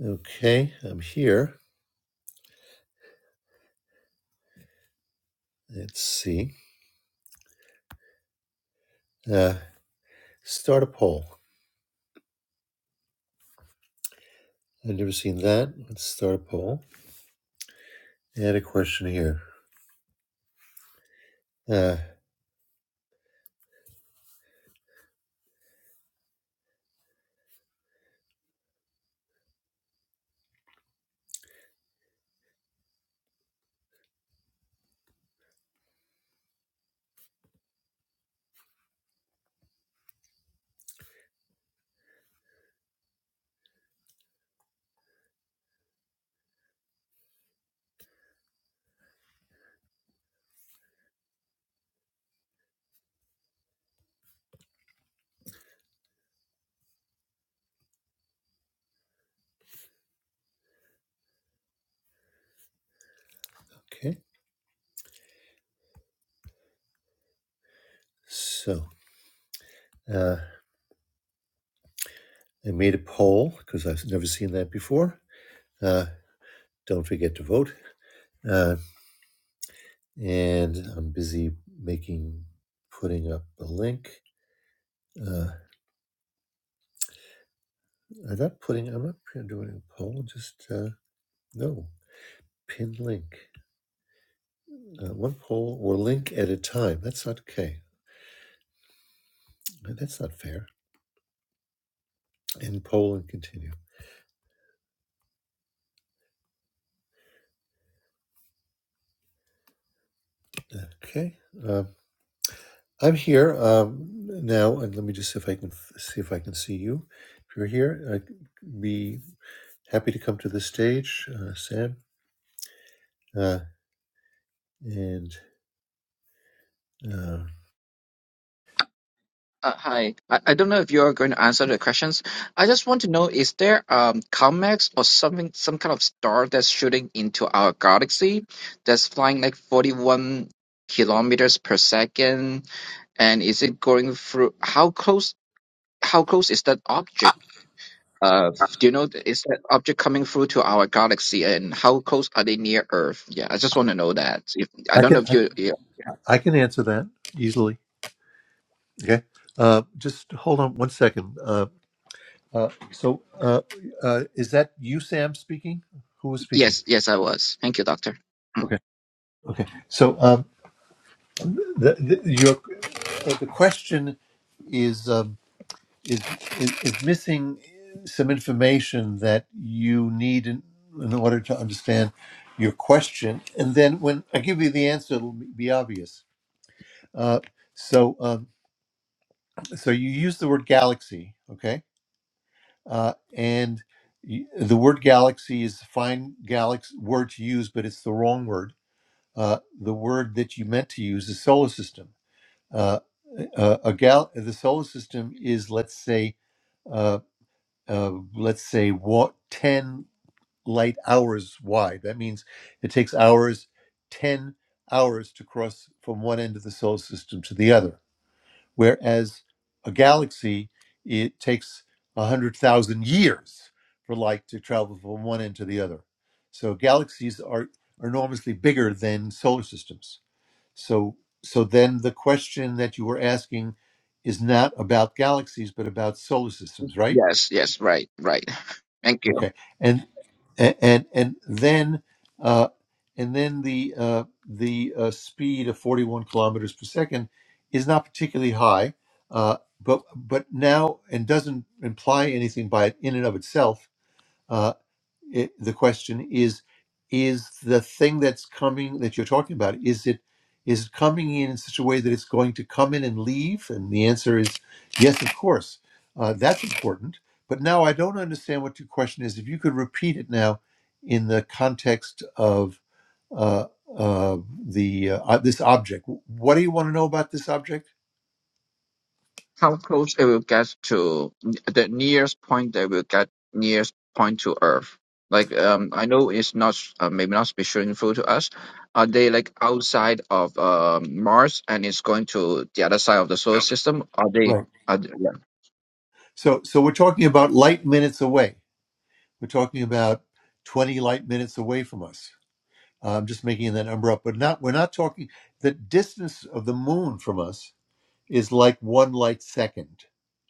Okay, I'm here. Let's see. Uh, start a poll. I've never seen that. Let's start a poll. Add a question here. Uh, okay, so uh, I made a poll because I've never seen that before. Uh, don't forget to vote. Uh, and I'm busy making, putting up a link. Uh, I'm not putting, I'm not doing a poll, just uh, no, pin link. Uh, one poll or link at a time. That's not okay. That's not fair. In Poland, continue. Okay. Uh, I'm here um, now, and let me just see if I can see if I can see you. If you're here, I'd be happy to come to the stage, uh, Sam. Uh, and uh, Uh, hi. I, I don't know if you're going to answer the questions. I just want to know, is there um COMEX or something, some kind of star that's shooting into our galaxy that's flying like 41 kilometers per second? And is it going through, how close, how close is that object? Uh, do you know, is that object coming through to our galaxy and how close are they near Earth? Yeah, I just want to know that. If, I I don't know can if I you, yeah, I can answer that easily. Okay. Uh, just hold on one second. Uh, uh, so, uh, uh, is that you, Sam, speaking? Who was speaking? yes, yes, I was. Thank you, doctor. Okay. Okay. So, um, the, the, your, uh, the question is, um, is, is is missing some information that you need in, in order to understand your question. And then when I give you the answer, it'll be obvious. Uh, so um, so you use the word galaxy, okay? Uh, and y- the word galaxy is a fine galax word to use, but it's the wrong word. Uh, the word that you meant to use is solar system uh, uh, a gal the solar system is let's say uh, uh, let's say what 10 light hours wide that means it takes hours 10 hours to cross from one end of the solar system to the other whereas a galaxy it takes 100000 years for light to travel from one end to the other so galaxies are enormously bigger than solar systems so so then the question that you were asking is not about galaxies but about solar systems, right? Yes, yes, right, right. Thank you. Okay. And and and then uh, and then the uh, the uh, speed of 41 kilometers per second is not particularly high, uh, but but now and doesn't imply anything by it in and of itself. uh it, the question is is the thing that's coming that you're talking about is it is it coming in in such a way that it's going to come in and leave and the answer is yes of course uh, that's important but now i don't understand what your question is if you could repeat it now in the context of uh, uh, the uh, uh, this object what do you want to know about this object How close it will get to the nearest point that will get nearest point to Earth? Like, um, I know it's not uh, maybe not special info to us. Are they like outside of um Mars and it's going to the other side of the solar Um, system? Are they? right Are they yeah, so so we're talking about light minutes away we're talking about 20 light minutes away from us I'm just making that number up, but not we're not talking the distance of the moon from us is like one light second.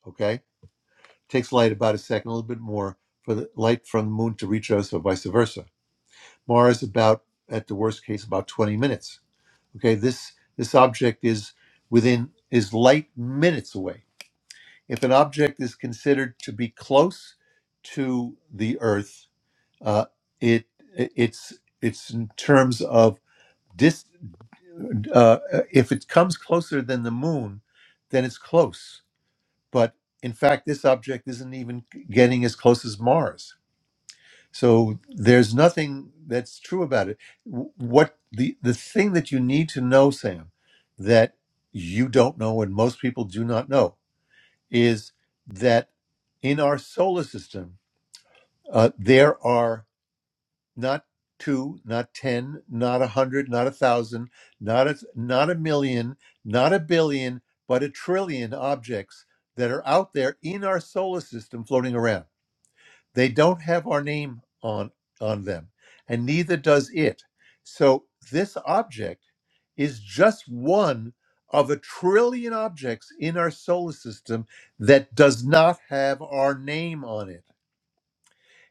Okay? Takes light about a second, a little bit more for the light from the moon to reach us or vice versa. Mars about at the worst case about 20 minutes. Okay, this this object is within is light minutes away. If an object is considered to be close to the Earth, uh, it it's it's in terms of dis. uh, uh, if it comes closer than the moon, then it's close. But in fact, this object isn't even getting as close as Mars. So there's nothing that's true about it. W- What the the thing that you need to know, Sam, that you don't know and most people do not know is that in our solar system, uh, there are not two, not 10, not a hundred, not a thousand, not a, not a million, not a billion, but a trillion objects that are out there in our solar system floating around. They don't have our name on, on them, and neither does it. So this object is just one of a trillion objects in our solar system that does not have our name on it.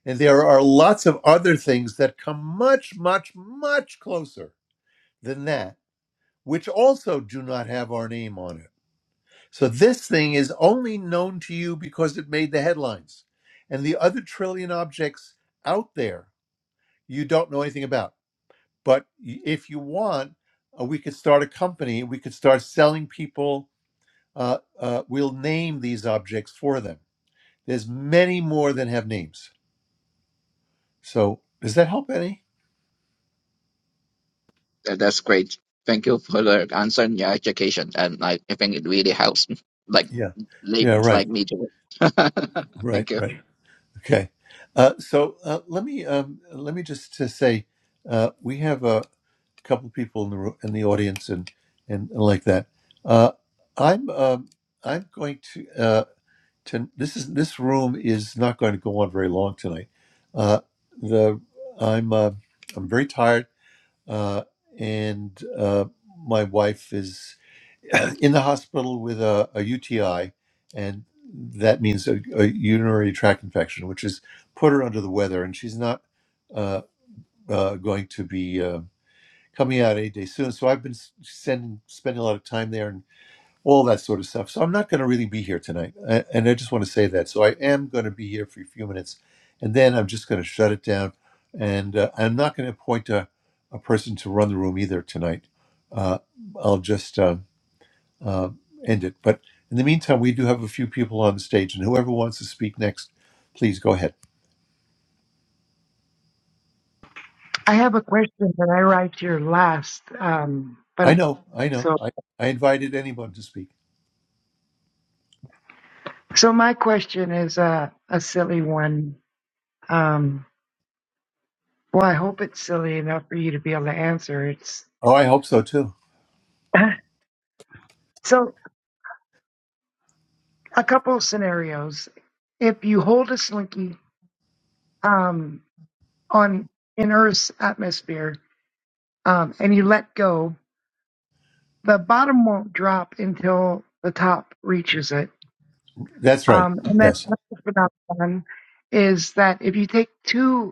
And there are lots of other things that come much, much, much closer than that, which also do not have our name on it. So this thing is only known to you because it made the headlines. And the other trillion objects out there, you don't know anything about. But y- if you want, uh, we could start a company, we could start selling people, uh, uh, we'll name these objects for them. There's many more than have names. So does that help any? that- that's great. Thank you for the answer and your education, and I, I think it really helps like Yeah. Yeah, laymen right. like me to. Right, Thank you. right. Okay. Uh, so uh, let me um, let me just to say uh, we have a couple people in the ro- in the audience and and like that. Uh, I'm um, I'm going to uh, to this is this room is not going to go on very long tonight. Uh, the I'm uh, I'm very tired uh, and uh, my wife is. in the hospital with a, UTI, and that means a, a urinary tract infection, which has put her under the weather, and she's not uh, uh, going to be uh, coming out any day soon. So I've been s- sending, spending a lot of time there and all that sort of stuff. So I'm not going to really be here tonight, A- and I just want to say that. So I am going to be here for a few minutes, and then I'm just going to shut it down, and uh, I'm not going to appoint a, a person to run the room either tonight. Uh, I'll just. Um, uh, end it. But in the meantime, we do have a few people on the stage, and whoever wants to speak next, please go ahead. I have a question that I write here last. Um, I but know, I know. so, I, I invited anyone to speak. so my question is a a silly one. Um, well, I hope it's silly enough for you to be able to answer. It's Oh, I hope so too. so a couple of scenarios. If you hold a slinky um, on in Earth's atmosphere um, and you let go, the bottom won't drop until the top reaches it. That's right. Um, and then Yes, another phenomenon is that if you take two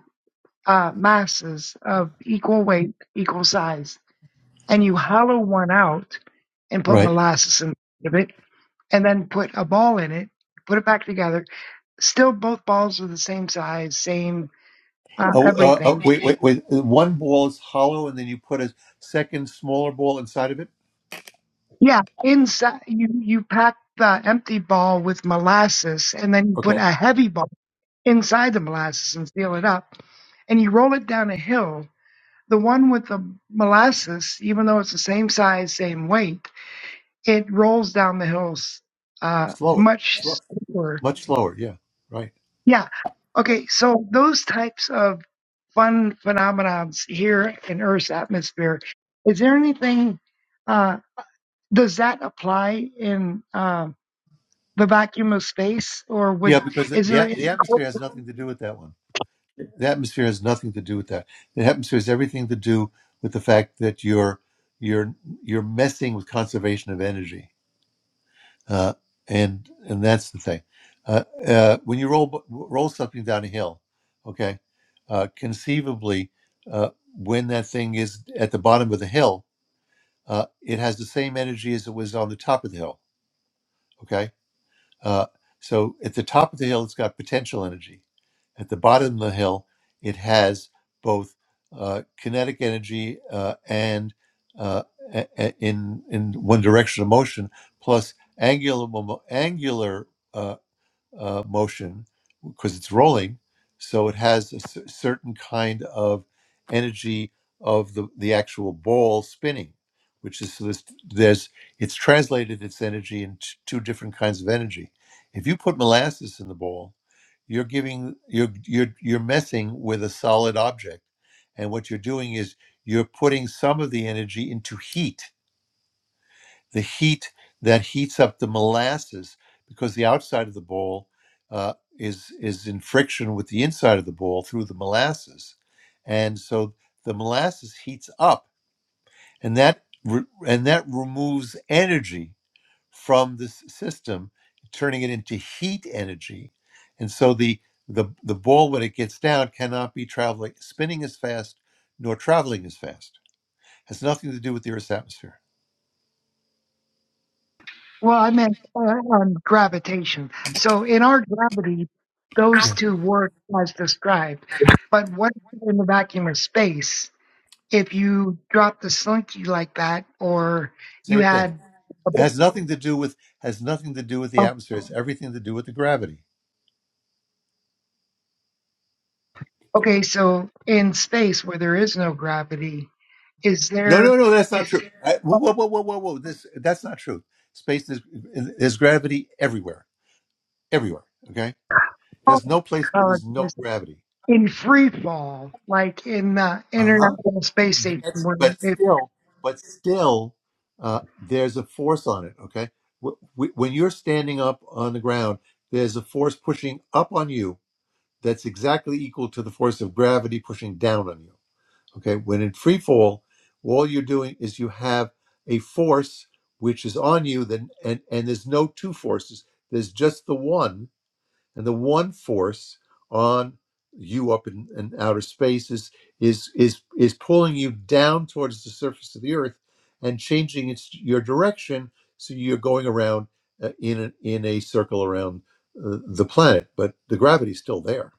uh, masses of equal weight, equal size, and you hollow one out and put right. molasses in of it, and then put a ball in it, put it back together. Still, both balls are the same size, same uh, Oh, uh, oh, everything. wait, wait, wait. One ball is hollow, and then you put a second smaller ball inside of it. Yeah, inside you you pack the empty ball with molasses, and then you put Okay. a heavy ball inside the molasses and seal it up, and you roll it down a hill. The one with the molasses, even though it's the same size, same weight it rolls down the hills uh, Slower, much slow, slower. much slower. Yeah, right. Yeah. Okay. So those types of fun phenomenons here in Earth's atmosphere. Is there anything? Uh, does that apply in uh, the vacuum of space, or Yeah, would because the, is there? the atmosphere has nothing to do with that one. The atmosphere has nothing to do with that. The atmosphere has everything to do with the fact that you're you're you're messing with conservation of energy, uh, and and that's the thing. Uh, uh, when you roll roll something down a hill, okay, uh, conceivably, uh, when that thing is at the bottom of the hill, uh, it has the same energy as it was on the top of the hill. Okay, uh, so at the top of the hill, it's got potential energy. At the bottom of the hill, it has both uh, kinetic energy uh, and uh, a- a- in in one direction of motion, plus angular momo- angular. uh, uh, motion because it's rolling. So it has a cer- certain kind of energy of the, the actual ball spinning, which is so this, there's it's translated its energy into two different kinds of energy. If you put molasses in the ball, you're giving you're you're you're messing with a solid object, and what you're doing is you're putting some of the energy into heat the heat that heats up the molasses because the outside of the bowl uh, is is in friction with the inside of the bowl through the molasses, and so the molasses heats up, and that re- and that removes energy from this system, turning it into heat energy, and so the the, the ball when it gets down cannot be traveling spinning as fast nor traveling as fast has nothing to do with the earth's atmosphere Well, I meant uh, on gravitation. So in our gravity, those Yeah. two work as described. But what in the vacuum of space? if you dropped the slinky like that or you same thing had It has nothing to do with has nothing to do with the atmosphere. It's everything to do with the gravity. okay so in space where there is no gravity is No, there no, no, that's not true. I, whoa, whoa, whoa, whoa, whoa, whoa! This that's not true. Space is there's gravity everywhere, everywhere. Okay, uh, there's no place where there's no is- gravity. in free fall like in the Uh huh. international space But, station that's- where but it, still, but still, uh, there's a force on it. Okay, Wh- wh- when you're standing up on the ground, there's a force pushing up on you that's exactly equal to the force of gravity pushing down on you. Okay. When in free fall, all you're doing is you have a force which is on you, then and, and there's no two forces. There's just the one, and the one force on you up in, in outer space is, is is is pulling you down towards the surface of the earth and changing its your direction so you're going around uh, in a, in a circle around uh, the planet but the gravity's still there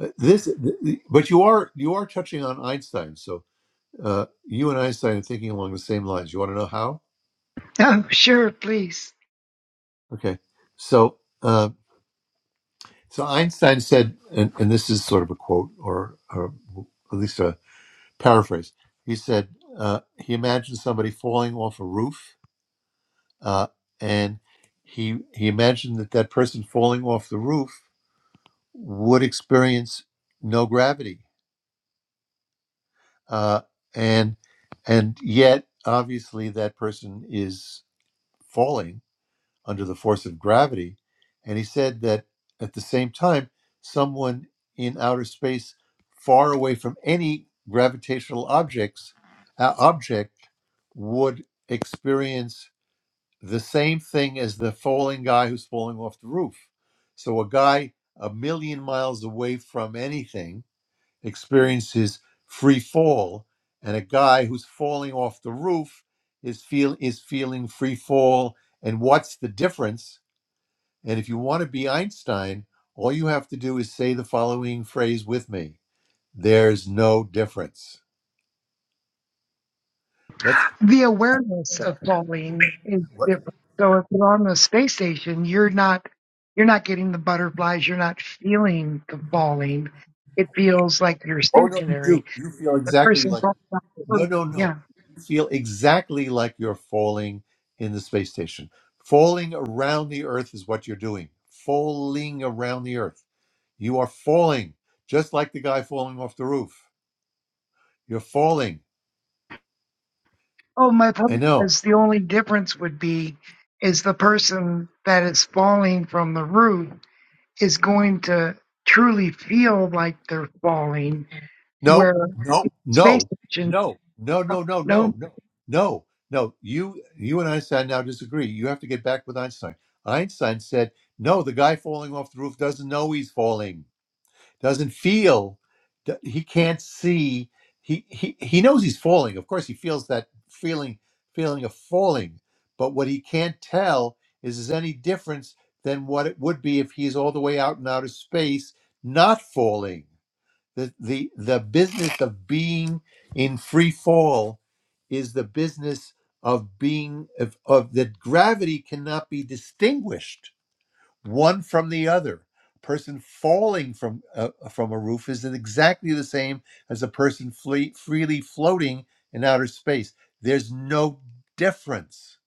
Uh, this th- th- but you are you are touching on einstein so Uh, you and Einstein are thinking along the same lines. You want to know how? oh sure please Okay. So, uh, so Einstein said, and, and this is sort of a quote or, or at least a paraphrase. He said uh, he imagined somebody falling off a roof, uh, and he he imagined that that person falling off the roof would experience no gravity, uh, and and yet obviously that person is falling under the force of gravity. And he said that at the same time, someone in outer space, far away from any gravitational objects, uh, object would experience the same thing as the falling guy who's falling off the roof. So a guy a million miles away from anything experiences free fall, and a guy who's falling off the roof is feel is feeling free fall. And what's the difference? And if you want to be Einstein, all you have to do is say the following phrase with me There's no difference. That's the awareness of falling is what. different so if you're on the space station you're not you're not getting the butterflies you're not feeling the falling it feels like you're Oh, no, you stationary do. You feel the exactly person like, goes back to work. no, no, no. Yeah. You feel exactly like you're falling in the space station. Falling around the Earth is what you're doing. Falling around the Earth. You are falling, just like the guy falling off the roof. You're falling. Oh, my I point know. is the only difference would be is the person that is falling from the roof is going to truly feel like they're falling, No, where no, space no, station. no, no, no, no, no, No. no, no, no. You, you and Einstein now disagree. You have to get back with Einstein. Einstein said, "No, the guy falling off the roof doesn't know he's falling, doesn't feel, d- he can't see. He he he knows he's falling. Of course, he feels that feeling feeling of falling. But what he can't tell is is any difference than what it would be if he's all the way out in outer space, not falling." the the the business of being in free fall is the business of being of, of that gravity cannot be distinguished one from the other person falling from uh, from a roof is exactly the same as a person fle- freely floating in outer space there's no difference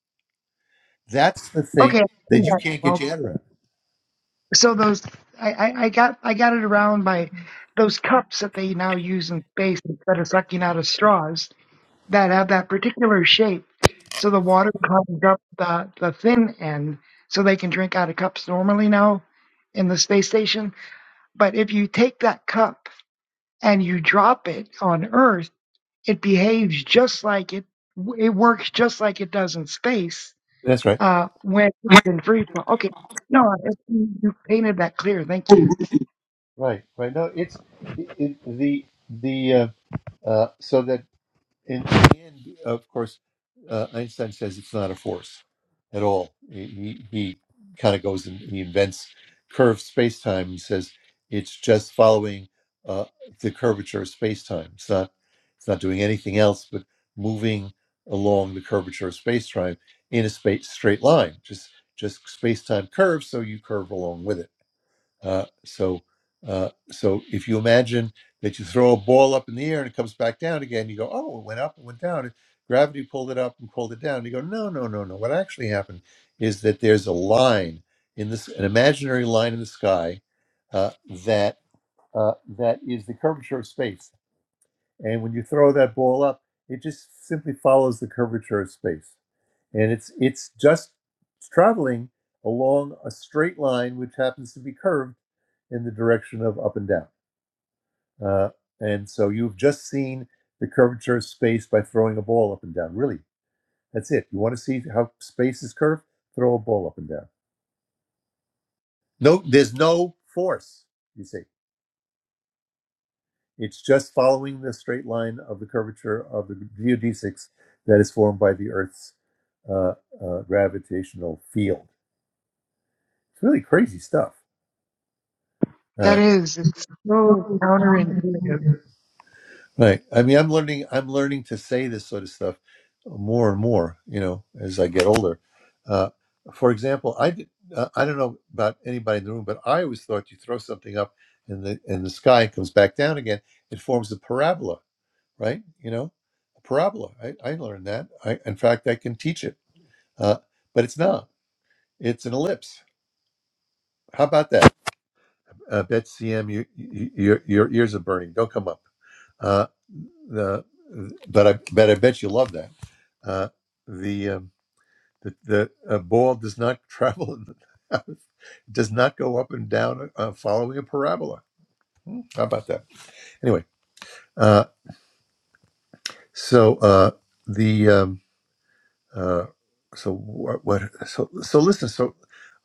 that's the thing Okay. that you yeah, can't well, get your head around So those, I, I, I got, I got it around by those cups that they now use in space instead of sucking out of straws that have that particular shape. So the water comes up the, the thin end so they can drink out of cups normally now in the space station. But if you take that cup and you drop it on Earth, it behaves just like it, it works just like it does in space that's right uh, when it's in free fall. Okay. No, I- you you painted that clear. Thank you. right right no it's it, it- the the uh, uh, so that and and of course, uh, Einstein says it's not a force at all. He he kind of goes and he invents curved space time. He says it's just following uh, the curvature of space time. It's not it's not doing anything else but moving along the curvature of space time in a space straight line. Just just space time curves, so you curve along with it uh, so, uh, so if you imagine that you throw a ball up in the air and it comes back down again, you go, "Oh, it went up, it went down. Gravity pulled it up and pulled it down." You go, "No, no, no, no. What actually happened is that there's a line in this, an imaginary line in the sky, uh, that uh, that is the curvature of space. And when you throw that ball up, it just simply follows the curvature of space, and it's it's just traveling along a straight line, which happens to be curved." in the direction of up and down. Uh, and so you've just seen the curvature of space by throwing a ball up and down. Really, that's it. You want to see how space is curved? Throw a ball up and down. No, there's no force. You see, it's just following the straight line of the curvature of the geodesics that is formed by the Earth's uh, uh, gravitational field. It's really crazy stuff. That Uh, is, it's so counterintuitive. Right. I mean, I'm learning. I'm learning to say this sort of stuff more and more. You know, as I get older. Uh, for example, I did, uh, I don't know about anybody in the room, but I always thought you throw something up in the in the sky, it comes back down again. It forms a parabola, right? You know, a parabola. I, I learned that. I, in fact, I can teach it, uh, but it's not. It's an ellipse. How about that? Uh, Betsy M, you, you, your your ears are burning. Don't come up. Uh, the but I but I bet you love that. Uh, the um, the, the uh, ball does not travel, in the, it does not go up and down uh, following a parabola. Hmm, how about that? Anyway, uh, so uh, the um, uh, so what, what so so listen. So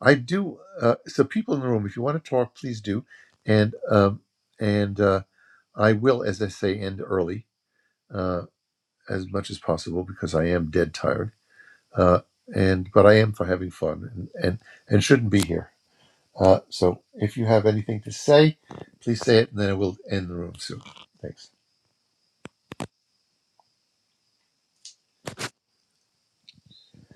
I do. Uh, so people in the room, if you want to talk, please do. And um, and uh, I will, as I say, end early uh, as much as possible because I am dead tired. Uh, and but I am for having fun and and, and shouldn't be here. Uh, so if you have anything to say, please say it, and then I will end the room soon. Thanks.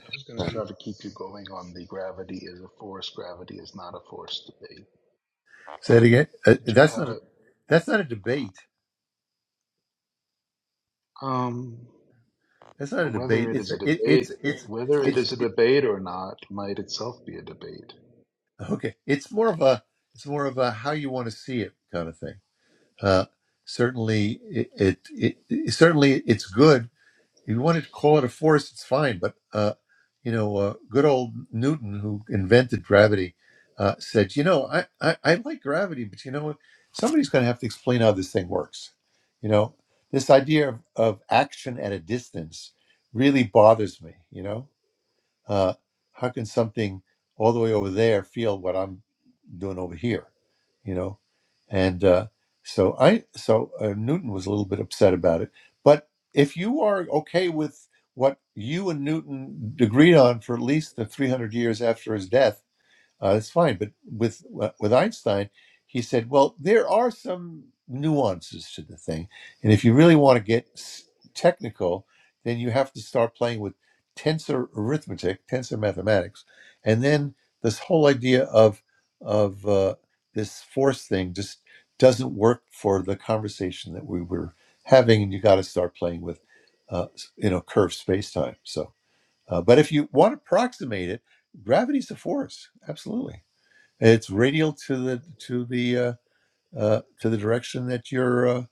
I was going to try to keep you going on the gravity is a force, gravity is not a force debate. Say it again. Uh, Did you that's have not a it? that's not a debate. Um, That's not a well, whether debate. it It's is a, a it, it's debate, it's whether it it's is a debate or not, might itself be a debate. okay. It's more of a it's more of a how you want to see it kind of thing. Uh, certainly, it, it, it certainly it's good if you wanted to call it a force, it's fine. But uh, you know, uh, good old Newton, who invented gravity, uh, said, you know, I, I I like gravity, but you know what? Somebody's going to have to explain how this thing works. You know, this idea of, of action at a distance really bothers me. You know, uh, how can something all the way over there feel what I'm doing over here? You know, and uh, so I so uh, Newton was a little bit upset about it. But if you are okay with what you and Newton agreed on for at least the 300 years after his death uh, that's fine. But with uh, with Einstein, he said, well, there are some nuances to the thing, and if you really want to get s- technical, then you have to start playing with tensor arithmetic, tensor mathematics, and then this whole idea of of uh, this force thing just doesn't work for the conversation that we were having, and you got to start playing with uh, s- you know curved space time. So, uh, but if you want to approximate it, gravity's a force, absolutely. It's radial to the to the uh, uh, to the direction that you're uh,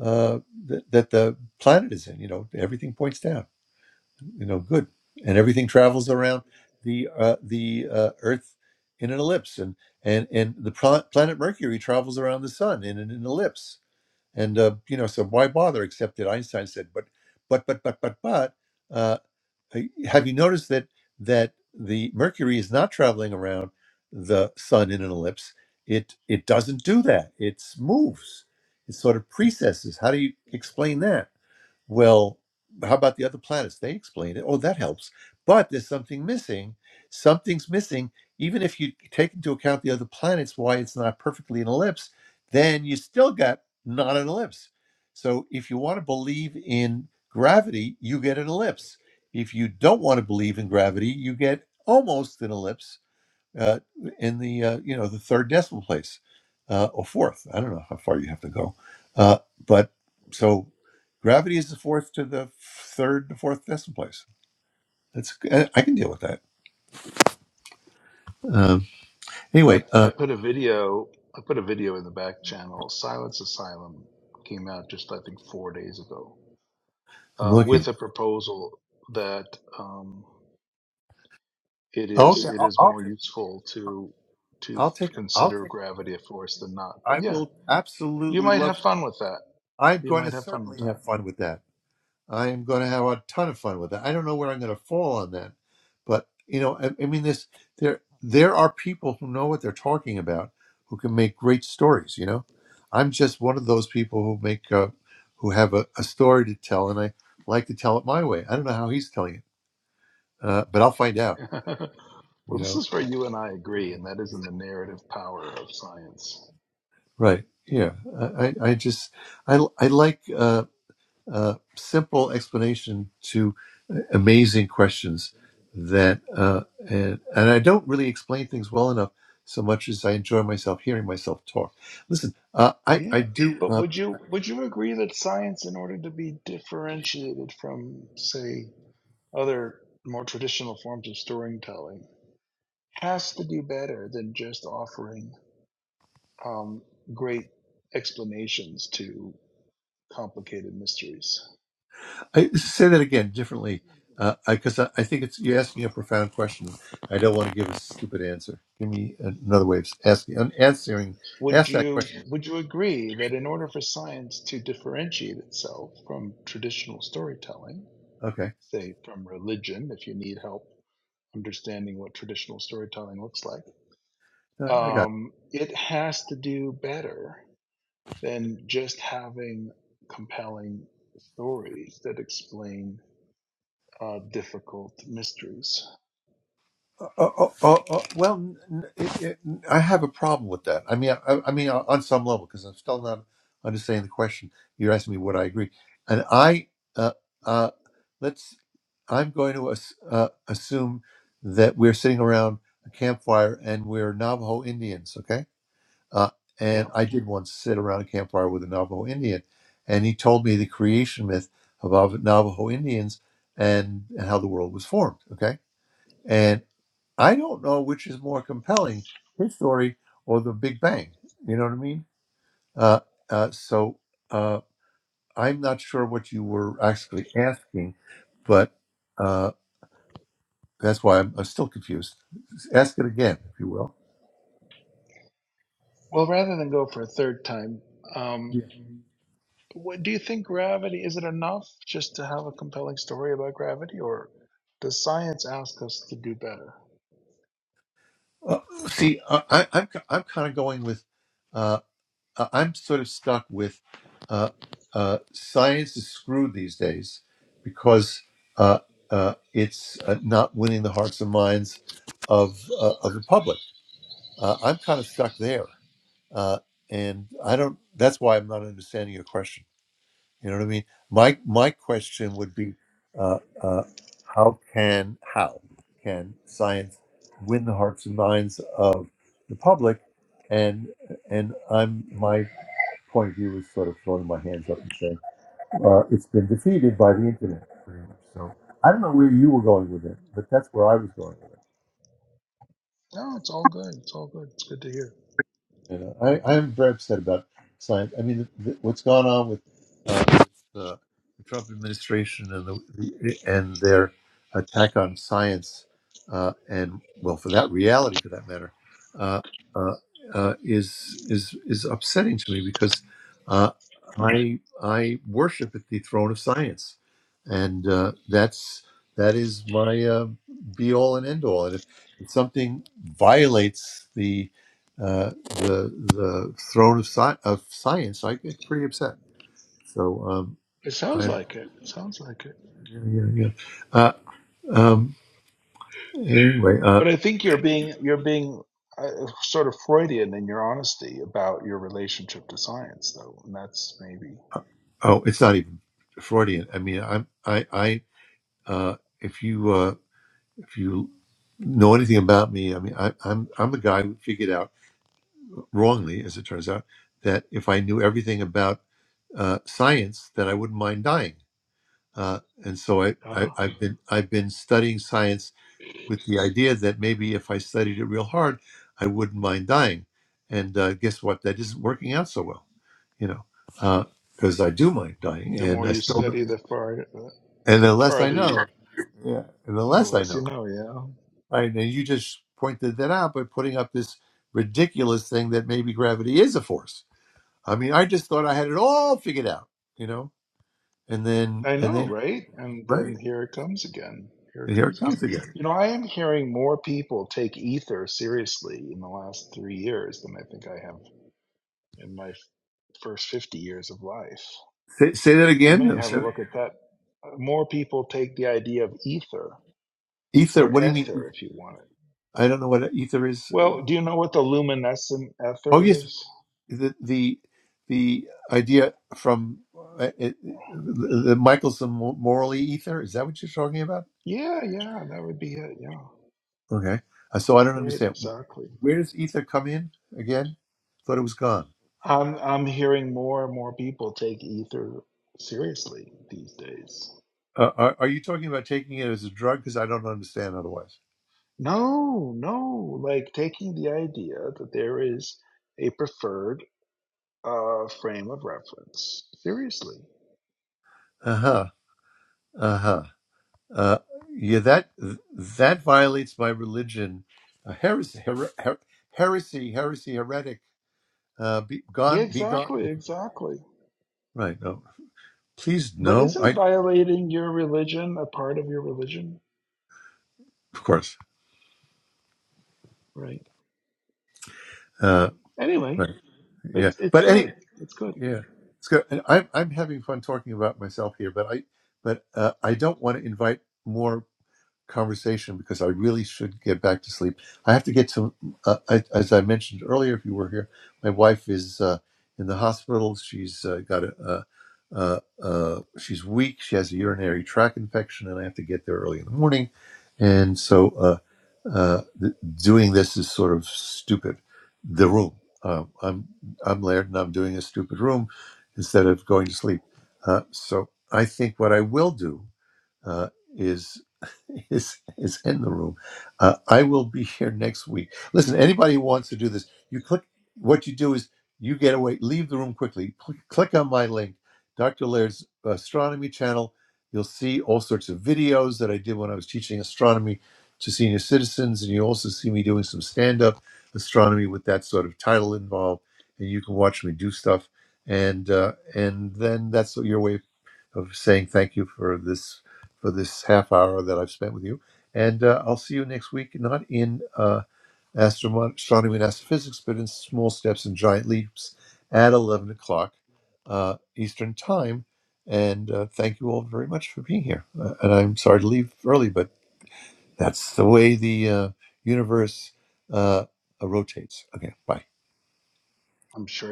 uh, th- that the planet is in. You know, everything points down. You know, good, and everything travels around the uh, the uh, Earth in an ellipse, and and and the pla- planet Mercury travels around the Sun in an, an ellipse. And uh, you know, so why bother? Except that Einstein said, but but but but but but. Uh, uh, Have you noticed that that the Mercury is not traveling around the Sun in an ellipse? It it doesn't do that. It moves. It sort of precesses. How do you explain that? Well, how about the other planets? They explain it. Oh, that helps. But there's something missing. Something's missing. Even if you take into account the other planets, why it's not perfectly an ellipse, then you still got not an ellipse. So if you want to believe in gravity, you get an ellipse. If you don't want to believe in gravity, you get almost an ellipse uh, in the uh, you know the third decimal place uh, or fourth. I don't know how far you have to go, uh, but so gravity is the fourth to the third to fourth decimal place. That's I I can deal with that. Um, I anyway, I uh, put a video, I put a video in the back channel. Silence Asylum came out just I think four days ago, I'm uh, with looking. a proposal that um, it Oh is yeah, it I'll, is I'll more take useful to to I'll take I'll consider take a look at gravity it. a force than not. But I yeah, will you absolutely might love. have fun with that. I'm You going might to have fun with certainly have that. fun with that. I am going to have a ton of fun with it. I don't know where I'm going to fall on that, but you know, I, I mean, this there there are people who know what they're talking about who can make great stories. You know, I'm just one of those people who make uh, who have a, a story to tell, and I like to tell it my way. I don't know how he's telling it, uh, but I'll find out. well, You this know, is where you and I agree, and that is in the narrative power of science. right? Yeah, I I, I just I I like. Uh, uh, simple explanation to uh, amazing questions that uh, and, and i don't really explain things well enough so much as i enjoy myself hearing myself talk listen uh, i i Yeah, do but uh, would you would you agree that science, in order to be differentiated from, say, other more traditional forms of storytelling, has to do better than just offering um, great explanations to complicated mysteries? i say that again differently because uh, I, 'cause I I think it's you're asking a profound question i don't want to give a stupid answer give me another way of asking answering Would ask that you question would you agree that in order for science to differentiate itself from traditional storytelling, okay say from religion if you need help understanding what traditional storytelling looks like i I got it um, it has to do better than just having compelling stories that explain uh, difficult mysteries Uh, uh, uh, uh, uh, well, n- it, it, I have a problem with that. I mean, I, I mean, on some level, because I'm still not understanding the question. You're asking me what I agree, and I, uh, uh, let's. I'm going to ass, uh, assume that we're sitting around a campfire and we're Navajo Indians, okay? Uh, and yeah I did once sit around a campfire with a Navajo Indian, and he told me the creation myth of Av- Navajo Indians and how the world was formed, okay? I don't know which is more compelling, his story or the Big Bang. You know what I mean? Uh, uh, so uh, I'm not sure what you were actually asking, but uh, that's why I'm, I'm still confused. Ask it again, if you will. well rather than go for a third time um, Yeah. what do you think gravity is it enough just to have a compelling story about gravity or does science ask us to do better Uh, see, I, I, I'm I'm kind of going with. uh, uh, I'm sort of stuck with uh, uh, science is screwed these days because uh, uh, it's uh, not winning the hearts and minds of uh, of the public. Uh, I'm kind of stuck there, uh, and I don't. That's why I'm not understanding your question. You know what I mean? My my question would be, uh, uh, how can how can science win the hearts and minds of the public? And and I'm my point of view is sort of throwing my hands up and saying uh, it's been defeated by the internet. pretty much. So I don't know where you were going with it, but that's where I was going. no it's all good it's all good it's good to hear Yeah, I, I'm very upset about science. I mean, th th what's gone on with, uh, with uh, the Trump administration and the, the and their attack on science, uh, and well, for that reality, for that matter, uh, uh, uh, is is is upsetting to me because uh, I I worship at the throne of science, and uh, that's that is my uh, be all and end all. And if, if something violates the uh, the the throne of sci- of science, I get pretty upset. So um, it sounds I don't, like it. It sounds like it. yeah, yeah. yeah. Uh, um, anyway, uh, But I think you're being you're being uh, sort of Freudian in your honesty about your relationship to science, though, and that's maybe oh, it's not even Freudian. I mean, I'm I I uh, if you uh, if you know anything about me, I mean, I, I'm I'm the guy who figured out wrongly, as it turns out, that if I knew everything about uh, science, that I wouldn't mind dying. Uh, and so I, I uh, I've been I've been studying science with the idea that maybe if I studied it real hard, I wouldn't mind dying. And uh, guess what? That isn't working out so well, you know, because I do mind dying, the and more I you still, study, the far uh, and the the less I farther you, know, yeah, and the the less I less you know, know. Yeah, right? And you just pointed that out by putting up this ridiculous thing that maybe gravity is a force. I mean, I just thought I had it all figured out, you know, and then I and know, then right? And right, then here it comes again. Here and it here it comes again. comes again. You know, I am hearing more people take ether seriously in the last three years than I think I have in my f- first 50 years of life. Say, say that You may again. have a look at that. Uh, More people take the idea of ether Ether. or What do you mean? ether if you want it. I don't know what ether is. Well, do you know what the luminescent Oh ether yes, is? the the the idea from uh, it, the Michelson morally ether is that what you're talking about? Yeah, yeah, that would be it. Yeah, Okay, Uh, so I don't right, understand. exactly. Where does ether come in again? Thought it was gone. I'm I'm hearing more and more people take ether seriously these days. Uh, are, are you talking about taking it as a drug? Because I don't understand otherwise. No, no, like taking the idea that there is a preferred uh, frame of reference seriously. Uh huh. Uh huh. Uh, yeah, that that violates my religion. Uh, heresy, her, her, heresy, heresy, heretic. Uh, be Yeah, gone, be gone. exactly, exactly. Right. No. Please, But no. isn't I violating your religion a part of your religion? of course. Right. Uh, Anyway, right. Yeah. It's it's But good. any, It's good. yeah, it's good. And I'm, I'm having fun talking about myself here, but I, but, uh, I don't want to invite more conversation because I really should get back to sleep. I have to get to, uh, I, as I mentioned earlier, if you were here, my wife is uh, in the hospital. She's uh, got a, uh, uh, uh, she's weak. She has a urinary tract infection, and I have to get there early in the morning. And so uh, uh, th- doing this is sort of stupid. The room. Um, I'm I'm Laird, and I'm doing a stupid room instead of going to sleep. Uh, so I think what I will do uh, is is is in the room. Uh, I will be here next week. Listen, anybody who wants to do this, you click. What you do is you get away, leave the room quickly. Cl- click on my link, Dr. Laird's astronomy channel. You'll see all sorts of videos that I did when I was teaching astronomy to senior citizens, and you also see me doing some stand-up astronomy with that sort of title involved. And you can watch me do stuff, and uh, and then that's your way of of saying thank you for this for this half hour that I've spent with you. And uh, I'll see you next week, not in uh, astronom- astronomy and astrophysics, but in small steps and giant leaps at 11 o'clock uh, Eastern Time. And uh, thank you all very much for being here. Uh, and I'm sorry to leave early, but that's the way the uh, universe uh, rotates. Okay, bye. I'm sure